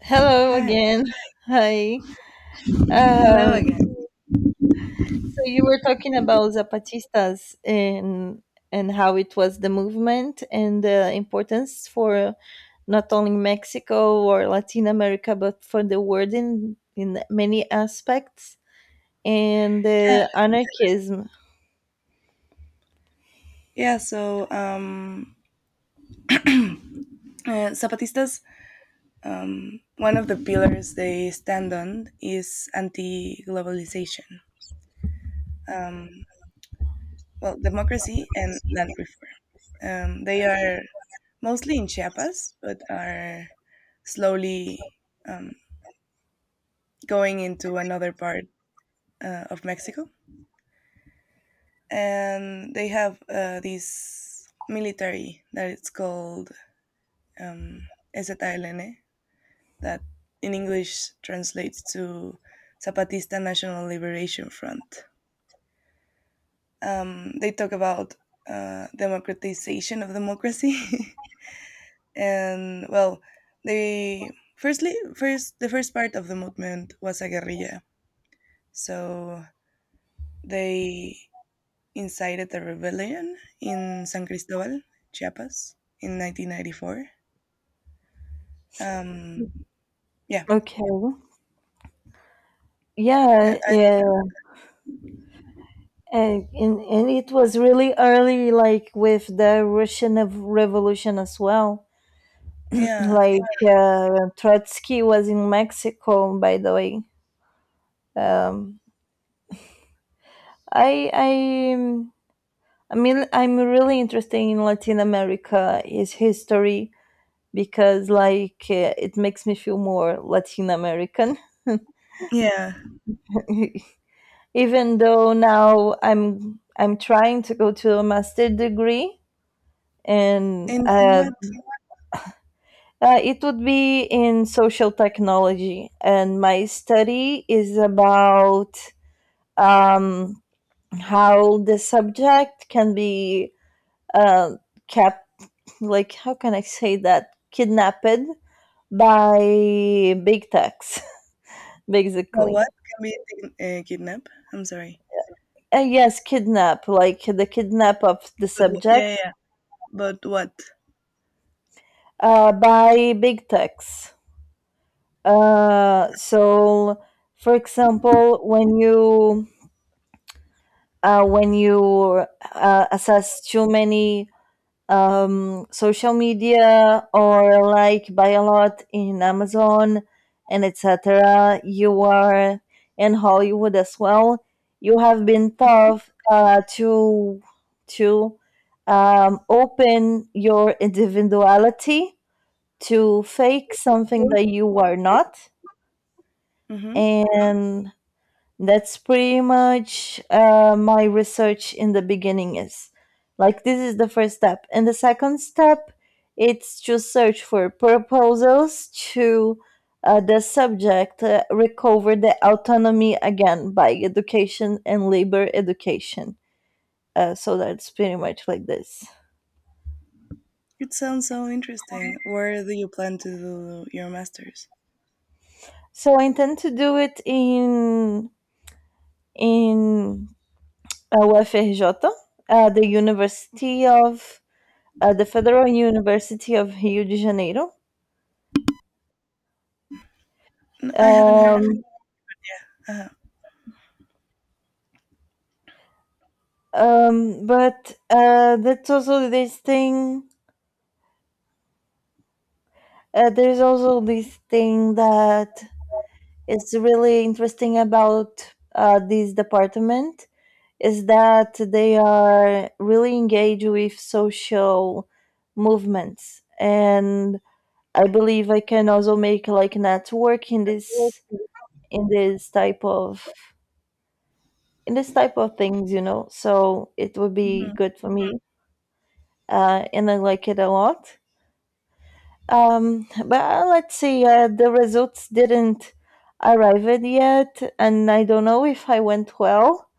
Hello Hi. again. Hi. Hello Um, again. so you were talking about Zapatistas and how it was the movement and the importance for not only Mexico or Latin America, but for the world in many aspects and the anarchism. Yeah, so um, Zapatistas, one of the pillars they stand on is anti globalization, um, well, democracy and land reform. They are mostly in Chiapas, but are slowly um, going into another part of Mexico. And they have this military that it's called um, SZLN, that in English translates to Zapatista National Liberation Front. They talk about democratization of democracy, and well, the first part of the movement was a guerrilla, so they incited a rebellion in San Cristobal, Chiapas, in 1994. Um, yeah, Okay. I, Yeah, I, yeah. And it was really early, like with the Russian Revolution as well. yeah, Like Trotsky was in Mexico, by the way. Um, I I mean I'm really interested in Latin America, its history because like it makes me feel more Latin American. yeah. Even though now I'm trying to go to a master degree and And in what? It would be in social technology and my study is about um, how the subject can be uh, kept. Like how can I say that? Kidnapped by big techs, A what? basically. Kidnap? I'm sorry. Yes, kidnap, like the kidnap of the Yeah, yeah, subject yeah. But what? By big techs. So for example when you uh, when you assess too many social media or like buy a lot in Amazon and etc. You are in Hollywood as well. You have been tough to to open your individuality to fake something that you are not, Mm-hmm. and that's pretty much my research in the beginning is. Like, this is the first step. And the second step, it's to search for proposals to the subject recover the autonomy again by education and labor education. So that's pretty much like this. It sounds so interesting. Where do you plan to do your masters? So I intend to do it in in UFRJ, the University of at the Federal University of Rio de Janeiro. I haven't heard of it. Um, Uh-huh. but that's also this thing. There's also this thing that is really interesting about this department, is that they are really engaged with social movements, and I believe I can also make like network in this type of in this type of things, you know. So it would be Mm-hmm. good for me, and I like it a lot. But Let's see, the results didn't arrive it yet, and I don't know if I went well.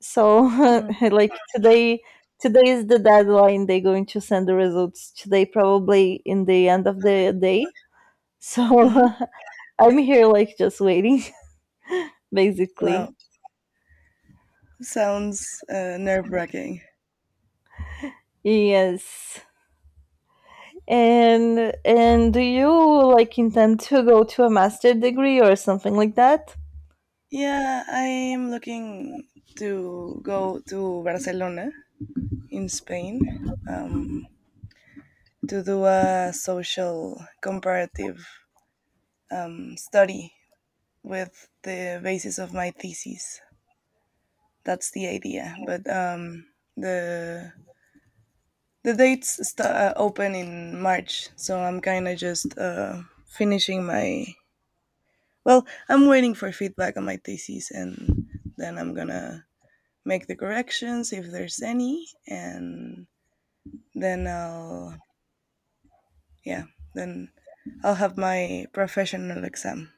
So Mm-hmm. like today is the deadline. They're going to send the results today, probably in the end of the day. So Mm-hmm. I'm here, like just waiting, Wow. basically. Sounds nerve-wracking. Yes. And do you like intend to go to a master degree or something like that? Yeah, I'm looking to go to Barcelona in Spain um, to do a social comparative study with the basis of my thesis. That's the idea. But um, the the dates st- uh, open in March, so I'm kind of just finishing my. Well, I'm waiting for feedback on my thesis, and then I'm gonna make the corrections if there's any, and then yeah, then I'll have my professional exam.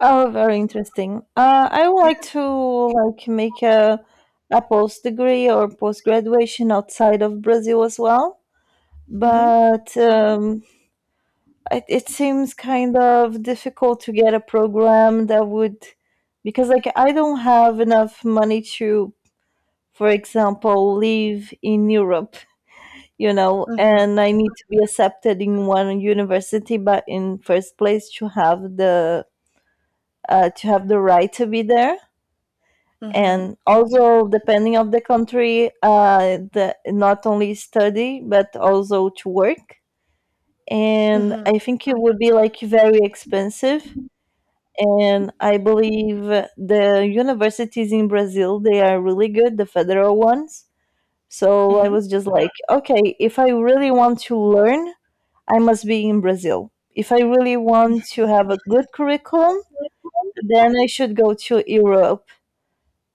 Oh, very interesting. I would Yeah. like to like make a post degree or post graduation outside of Brazil as well, Mhm. but it seems kind of difficult to get a program that would, because like I don't have enough money to, for example, live in Europe. You know, Mhm. and I need to be accepted in one university, but in first place to have the right to be there, Mhm. and also depending of the country, not only study but also to work. And Mhm. I think it would be like very expensive, and I believe the universities in Brazil they are really good, the federal ones. So I Mhm. was just like, okay, if I really want to learn I must be in Brazil. If I really want to have a good curriculum, then I should go to Europe.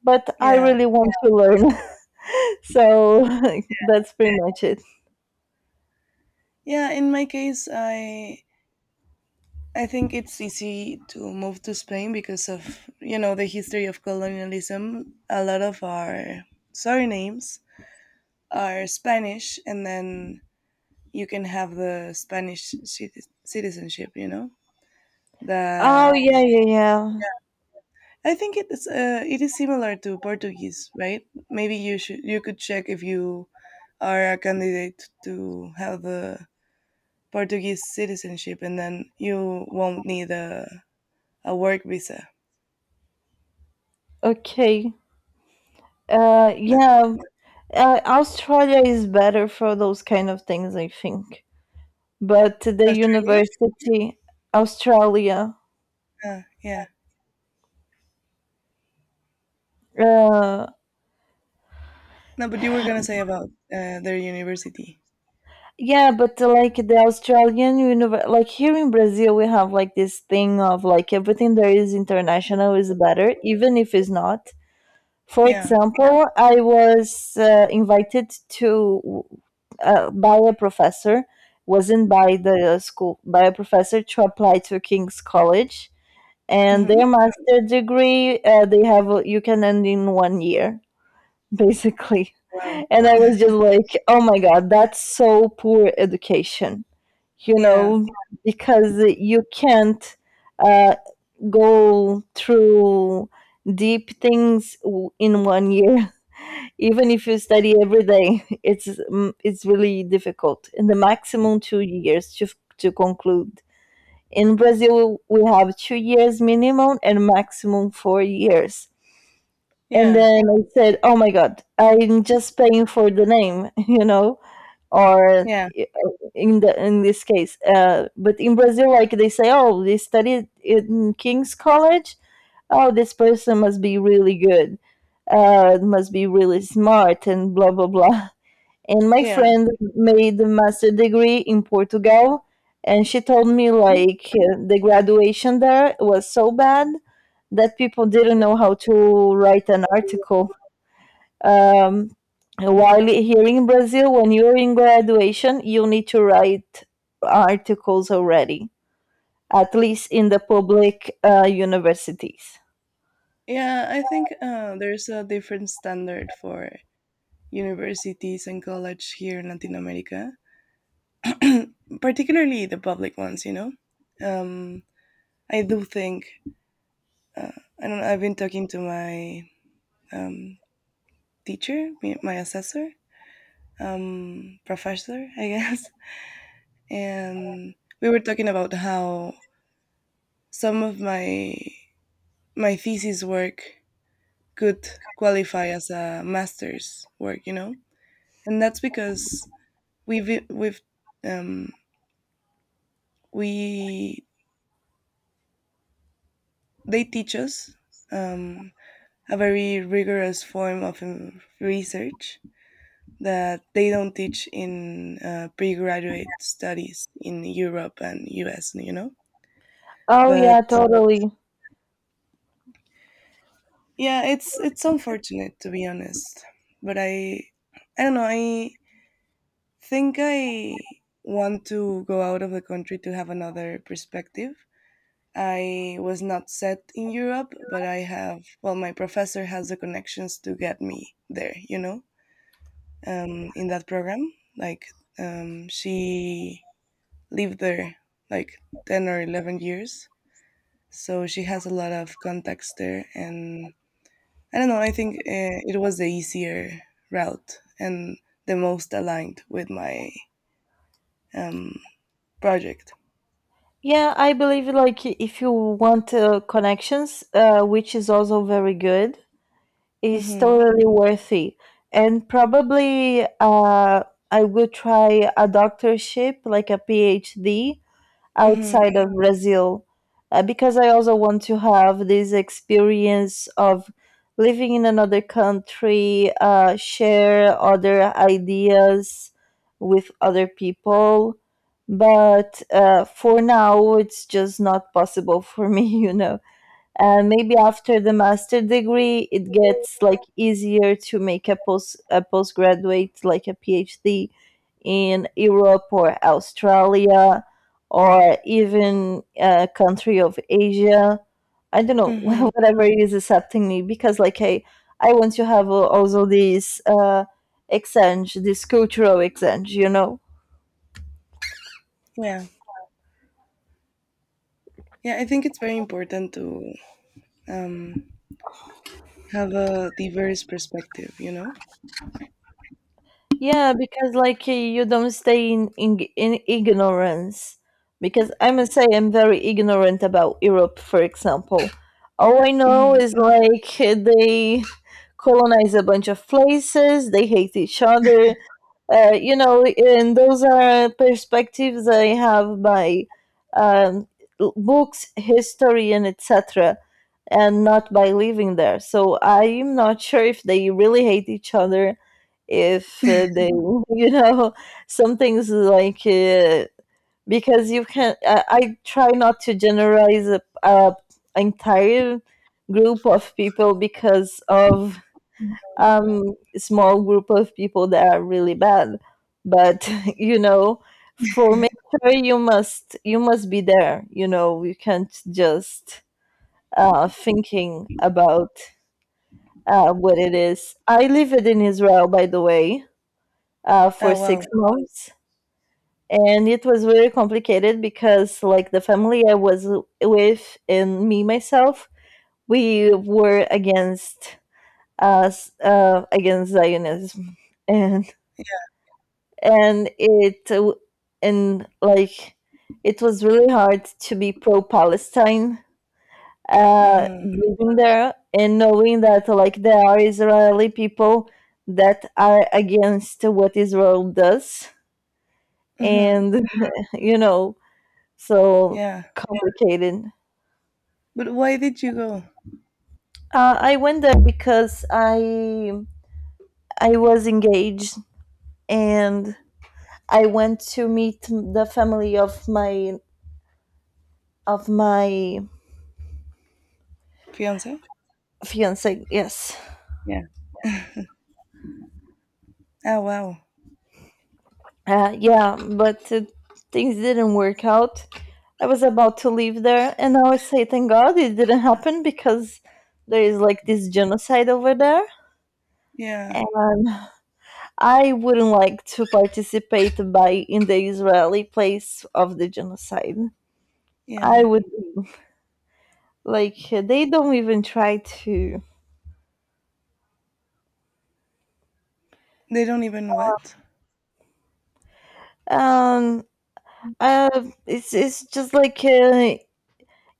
But I Yeah. really want to learn. So that's pretty much it. Yeah, in my case, I think it's easy to move to Spain because of, you know, the history of colonialism. A lot of our surnames are Spanish, and then you can have the citizenship, you know, Oh, that. yeah, yeah, yeah. I think it is similar to Portuguese, right? Maybe you could check if you are a candidate to have the Portuguese citizenship, and then you won't need a work visa. Okay. Uh, Uh, yeah, Australia is better for those kind of things, I think. But the Australia? Australia, Yeah. uh, No, but you were gonna say about their university. yeah, but like the Australian, you know, like here in Brazil, we have like this thing of like everything that is international is better, even if it's not. For Yeah. example, I was invited to by a professor, wasn't by the school, by a professor to apply to King's College, and Mm-hmm. their master degree they have you can end in 1 year basically. Wow. And I was just like, oh my god, that's so poor education, you Yeah. know, because you can't uh, go through deep things in 1 year. Even if you study every day, it's it's really difficult. In the maximum 2 years to to conclude. In Brazil, we have 2 years minimum and maximum 4 years. And Yeah. then I said, "Oh my God, I'm just paying for the name," you know, or uh, Yeah. in the in this case, but in Brazil like they say, oh, they studied in King's College, oh, this person must be really good, must be really smart, and blah blah blah. And my Yeah. friend made the master degree in Portugal, and she told me Mhm. like the graduation there was so bad that people didn't know how to write an article, um, while here in Brazil, when you're in graduation, you need to write articles already, at least in the public universities. Yeah. I think there's a different standard for universities and college here in Latin America, particularly the public ones, you know. um, I do think uh, I don't. Know, I've been talking to my um, my assessor, professor, I guess, and we were talking about how some of my thesis work could qualify as a master's work, you know, and that's because we've um, we they teach us um, a very rigorous form of research that they don't teach in pre-graduate studies in Europe and US, you know. Oh But yeah, totally. Yeah, it's unfortunate, to be honest, but I don't know. I think I want to go out of the country to have another perspective. I was not set in Europe, but I have, well, my professor has the connections to get me there, you know, in that program. like she lived there like 10 or 11 years, so she has a lot of contacts there and I don't know. I think it was the easier route and the most aligned with my um, project. Yeah, I believe like if you want connections, which is also very good, is Mm-hmm. totally worthy. And probably I will try a doctorship, like a PhD, Mm-hmm. outside of Brazil, because I also want to have this experience of living in another country, share other ideas with other people. But for now, it's just not possible for me, you know. Maybe after the master degree it gets like easier to make a post a postgraduate like a PhD in Europe or Australia or even a country of Asia, I don't know, Mm-hmm. whatever is accepting me. Because like I want to have also this exchange, this cultural exchange, you know. Yeah. Yeah. I think it's very important to um, have a diverse perspective, you know. Yeah, because like you don't stay in, in ignorance. Because I must say I'm very ignorant about Europe, for example. All I know Mm-hmm. is like they colonize a bunch of places, they hate each other, you know, and those are perspectives I have by um, books, history, and etc., and not by living there. So I'm not sure if they really hate each other, if you know, some things like because you can. I try not to generalize a entire group of people because of um, small group of people that are really bad. But you know, for mature, you must be there. You know, you can't just thinking about what it is. I lived in Israel, by the way, for Ah. Wow. 6 months, and it was very complicated because, like, the family I was with and me myself, we were against us against Zionism, and and it uh, and like it was really hard to be pro Palestine, Mm-hmm. living there and knowing that like there are Israeli people that are against what Israel does Mm-hmm. and, you know, so Yeah. complicated. But why did you go, I went there because I was engaged, and I went to meet the family of my fiance? fiance. Yes. Yeah. Ah. Wow. Yeah but Things didn't work out. I was about to leave there, and I was say thank god it didn't happen because there is like this genocide over there, Yeah. and I wouldn't like to participate by in the Israeli place of the genocide. I Yeah. would, like they don't even try to. They don't even what? um uh it's just like,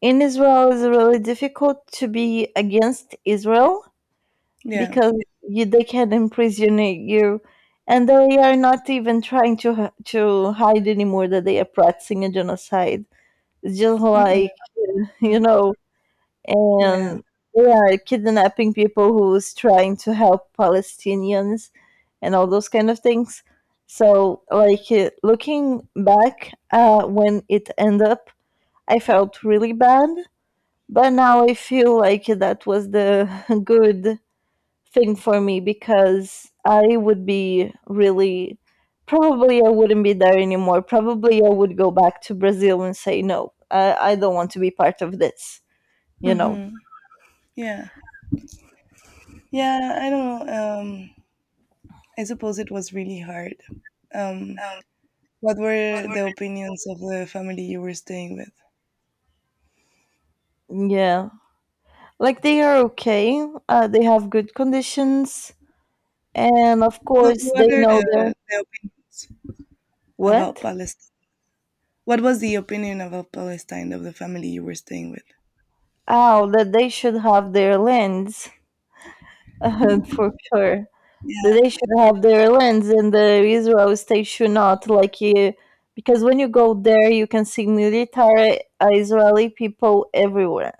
in Israel it's really difficult to be against Israel Yeah. because you, they can imprison you, and they are not even trying to to hide anymore that they are practicing a genocide. It's just Mm-mm. like you Mm. know. Yeah. And they are kidnapping people who's trying to help Palestinians and all those kind of things. So like looking back, when it ended up I felt really bad, but now I feel like that was the good thing for me, because I would be really, probably I wouldn't be there anymore. Probably I would go back to Brazil and say no, I don't want to be part of this, you know. Mm-hmm. Yeah. Yeah, I don't know. I suppose it was really hard. Um, what were the opinions of the family you were staying with? Yeah. Like they are okay. They have good conditions, and of No, course they what are know their the opinions about what? Palestine? What was the opinion about Palestine of the family you were staying with? Oh, that they should have their lands, for sure. Yeah, They should have their lands, and the Israel state should not. Like you, because when you go there, you can see military Israeli people everywhere.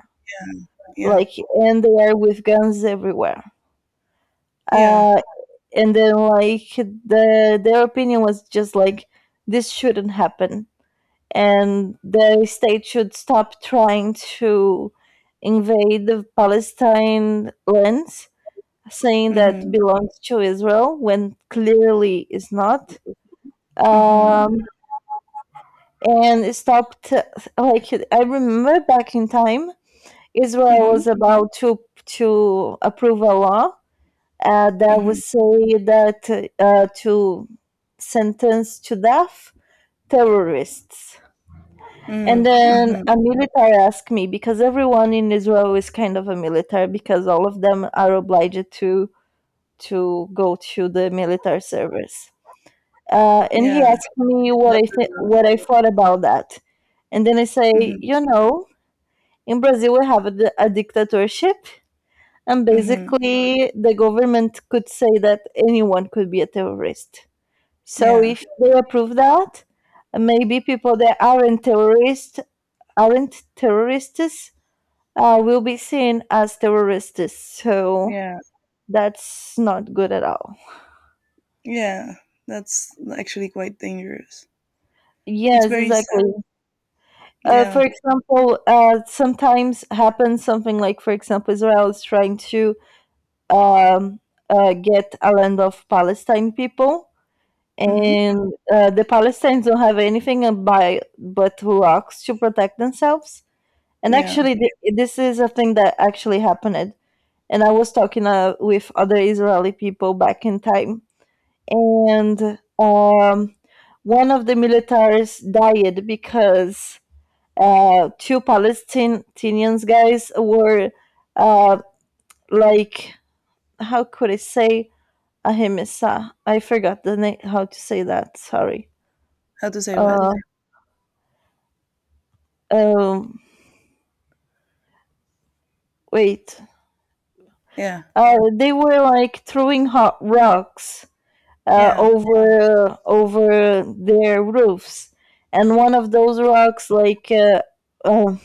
yeah, Like, and they are with guns everywhere. yeah. Uh, and then like the their opinion was just like this shouldn't happen, and the state should stop trying to invade the Palestine lands, saying that Mhm, belongs to Israel when clearly it's not. mhm, um, and stopped. Like I remember back in time, Israel mhm, was about to approve a law that would mhm, say that to sentence to death terrorists. And mhm, then mhm. a military asked me, because everyone in Israel is kind of a military because all of them are obliged to go to the military service. And he Yeah. asked me what Not the- what I thought about that, and then I say, Mhm, you know, in Brazil we have a dictatorship, and mhm. basically the government could say that anyone could be a terrorist. So Yeah, if they approve that, maybe people that aren't terrorists aren't terrorists will be seen as terrorists. So yeah, that's not good at all. yeah. That's actually quite dangerous. It's Yes, very sad. exactly. Uh, for Yeah. example, uh, sometimes happens something like, for example, Israel is trying to um, get a land of Palestine people, Mhm. and the Palestinians don't have anything by but rocks to protect themselves. And Yeah. actually, this is a thing that actually happened. And I was talking with other Israeli people back in time, and one of the militaries died because two Palestinians guys were uh, like, how could I say? Ahimsa. I forgot the name, how to say that. Sorry. How to say what? Uh, um, Wait. Yeah. They were like throwing hot rocks Yeah. over their roofs, and one of those rocks like uh,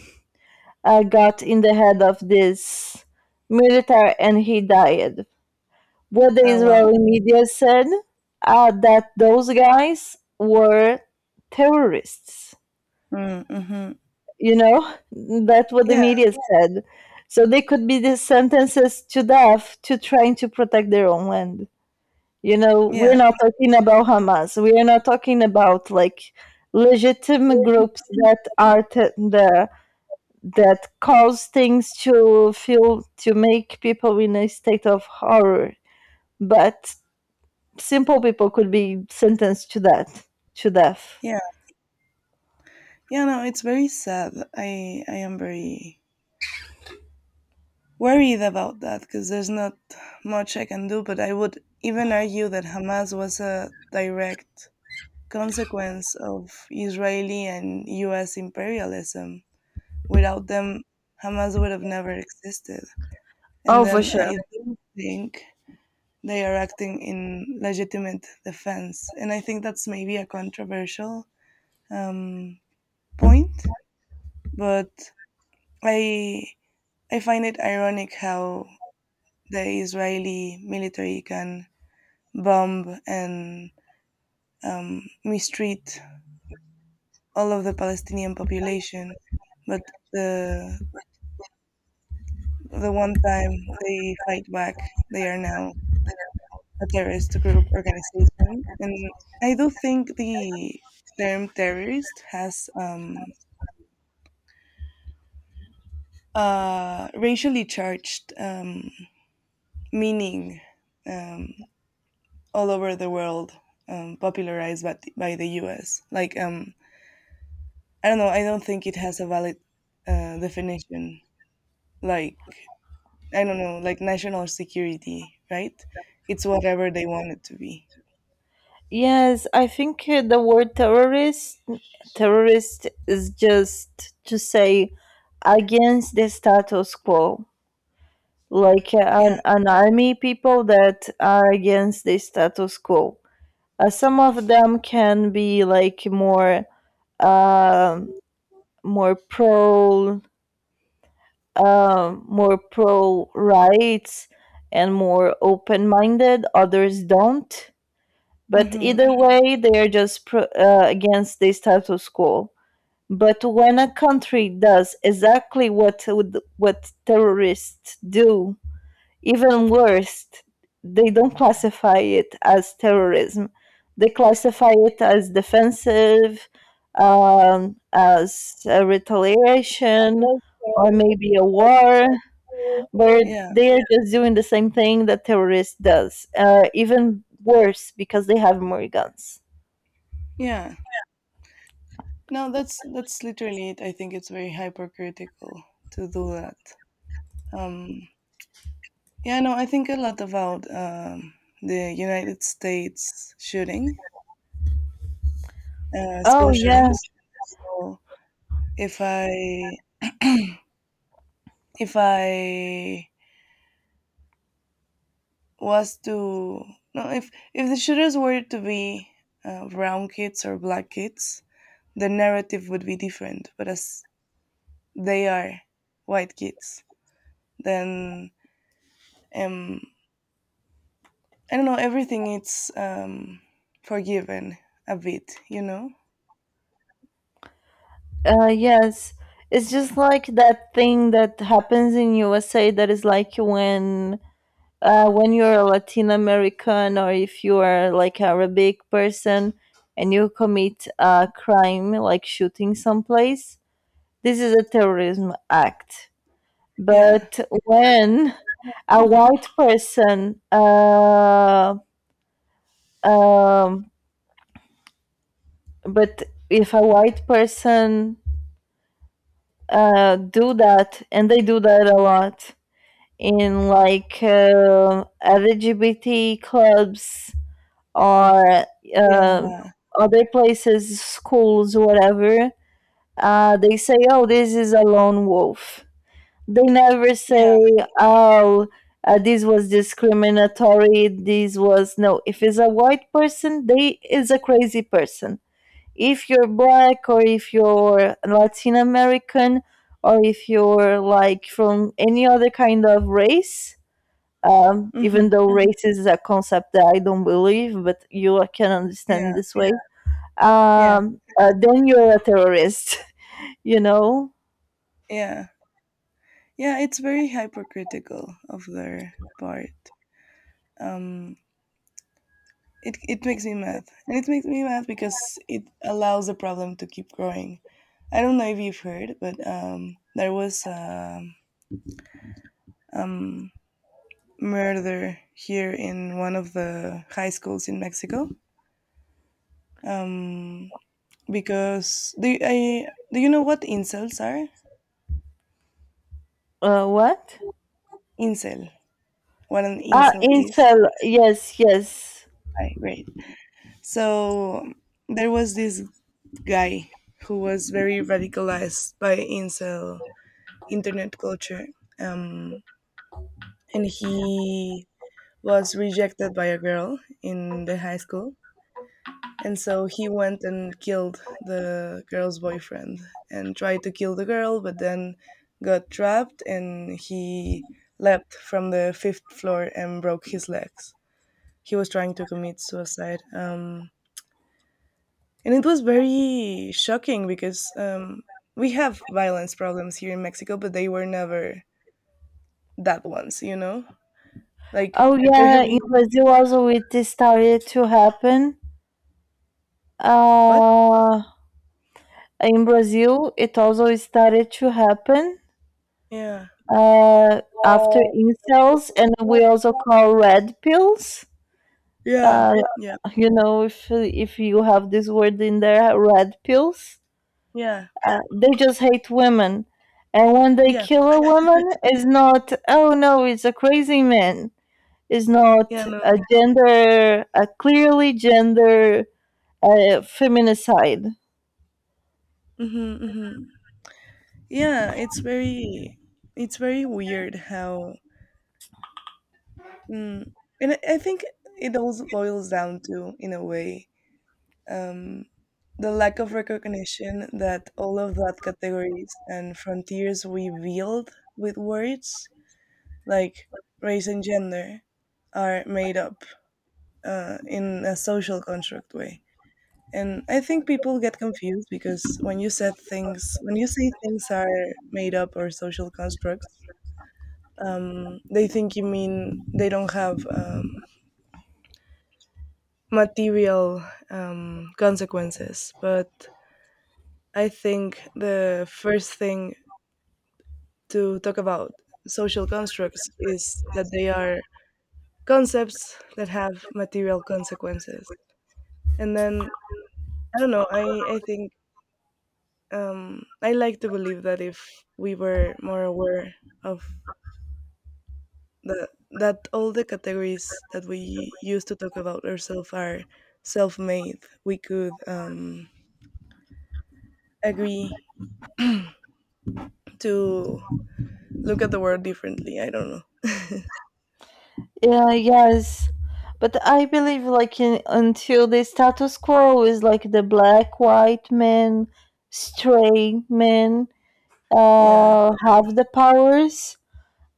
got in the head of this military, and he died. What the Oh, wow. Israeli media said that those guys were terrorists. Mm, mhm. You know, that's what the Yeah. media said. So they could be the sentences to death to trying to protect their own land. You know, we're Yeah. not talking about Hamas. We are not talking about like legitimate groups that are t- the that cause things to feel to make people in a state of horror. But simple people could be sentenced to that to death. Yeah. Yeah, no, it's very sad. I am very worried about that because there's not much I can do, but I would even argue that Hamas was a direct consequence of Israeli and US imperialism. Without them, Hamas would have never existed. And Oh, for then sure. I do think they are acting in legitimate defense. And I think that's maybe a controversial um, point, but I I find it ironic how the Israeli military can bomb and mistreat all of the Palestinian population, but the the one time they fight back, they are now a terrorist group organization. And I do think the term terrorist has a racially charged meaning um, all over the world, popularized by by the US. Like, I don't know, I don't think it has a valid definition. Like, I don't know, like national security, right? It's whatever they want it to be. Yes, I think the word terrorist is just to say against the status quo, like Yeah. An army people that are against the status quo. Some of them can be like more um more pro, more pro rights and more open minded, others don't. But Mm-hmm. either way, they are just against the status quo. But when a country does exactly what what terrorists do, even worse, they don't classify it as terrorism. They classify it as defensive, as a retaliation, or maybe a war where Yeah. they are just doing the same thing that terrorists does, even worse because they have more guns. Yeah. No, that's literally it. I think it's very hypercritical to do that. Um, yeah, no, I think a lot about the United States shooting, Oh school yeah, shootings. So if I if I was to no, if the shooters were to be brown kids or black kids, the narrative would be different. But as they are white kids, then um, I don't know, everything it's forgiven a bit, you know? Yes. It's just like that thing that happens in USA, that is like when you're a Latin American or if you are like Arabic person and you commit a crime like shooting someplace, this is a terrorism act. Yeah. But when a white Um, but person do that, and they do that a lot in like LGBT clubs or uh, Yeah. other places, schools, whatever, they say, "Oh, this is a lone wolf." They never say, Yeah. "Oh." This was discriminatory. This was no. If it's a white person, they is a crazy person. If you're black or if you're Latin American or if you're like from any other kind of race, even Hmm. though race is a concept that I don't believe, but you can understand it Yeah. this way, Yeah. Then you're a terrorist. You know, Yeah. Yeah, it's very hypercritical of their part. Um it makes me mad. And it makes me mad because it allows the problem to keep growing. I don't know if you've heard, but there was a um murder here in one of the high schools in Mexico. Um because I, do you know what incels are? What? Incel. What an Ah, incel is? incel. Yes, yes. I great. So there was this guy who was very radicalized by incel internet culture, um, and he was rejected by a girl in the high school. And so he went and killed the girl's boyfriend and tried to kill the girl, but then got trapped and he leapt from the fifth floor and broke his legs. He was trying to commit suicide. And it was very shocking because we have violence problems here in Mexico, but they were never that ones, you know? Like Oh they're yeah, in having Brazil also it started to happen. what? Uh, in Brazil it also started to happen Yeah. After Yeah. incels, and we also call red pills. Yeah. Uh, you know, if you have this word in there, red pills. Yeah. They just hate women, and when they Yeah. kill a woman, it's not oh no, it's a crazy man. It's Yeah. not No. a gender, a clearly gender feminicide. Mm-hmm, mm-hmm. Yeah, it's very weird how mm, and I think it also boils down to, in a way, um, the lack of recognition that all of that categories and frontiers we build with words like race and gender are made up in a social construct way. And I think people get confused because when you say things are made up or social constructs, they think you mean they don't have material consequences. But I think the first thing to talk about social constructs is that they are concepts that have material consequences. And then, I don't know, I think I like to believe that if we were more aware of that all the categories that we use to talk about ourselves are self-made, we could agree to look at the world differently. I don't know. Yeah, yes. But I believe like in, until the status quo is like the black, white men, straight men Yeah. Have the powers,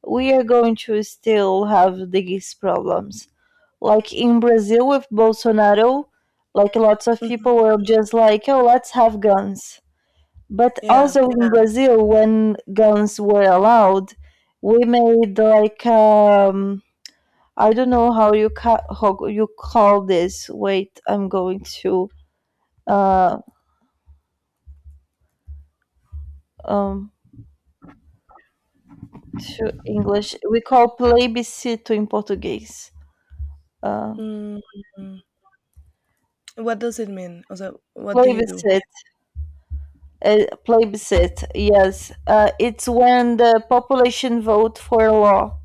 we are going to still have these problems. Like in Brazil with Bolsonaro, like lots of Mhm. people were just like, oh, let's have guns. But Yeah. also in, yeah, Brazil, when guns were allowed, we made like I don't know how you how you call this. Wait, I'm going uh um to English. We call plebiscito in Portuguese. Uh, Mm. What does it mean? Also, what do you do? plebiscite, Plebiscite. Yes, it's when the population vote for a law.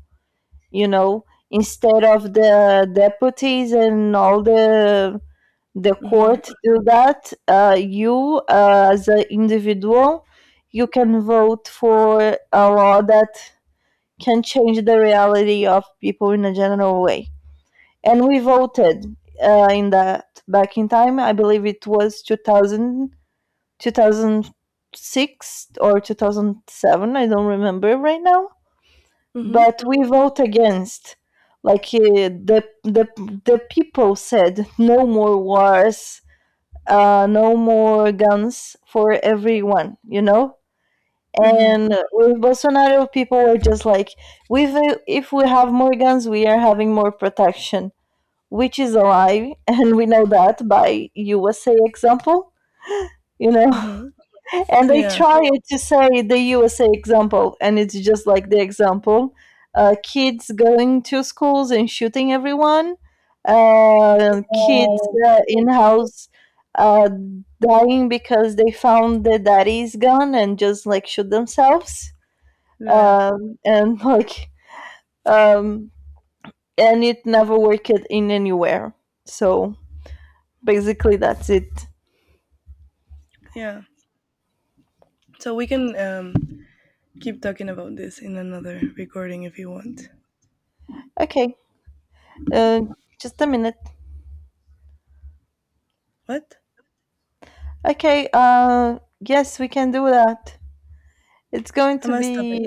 You know, instead of the deputies and all the Mm-hmm. court do that, you as an individual you can vote for a law that can change the reality of people in a general way. And we voted in that back in time. I believe it was 2000, 2006 or 2007. I don't remember right now. Mm-hmm. But we vote against. Like the people said, no more wars, no more guns for everyone, you know? Mm-hmm. And with Bolsonaro, people were just like, "With If we have more guns, we are having more protection," which is a lie, and we know that by USA example, you know. Mm-hmm. And they Yeah. try to say the USA example, and it's just like the example: kids going to schools and shooting everyone, kids Mm-hmm. In house uh, dying because they found the daddy's gun and just like shoot themselves, Yeah. And like um, and it never worked in anywhere. So basically, that's it. Yeah, so we can keep talking about this in another recording if you want. Okay, uh, just a minute. What? Okay, yes, we can do that. It's going I to must stop it. be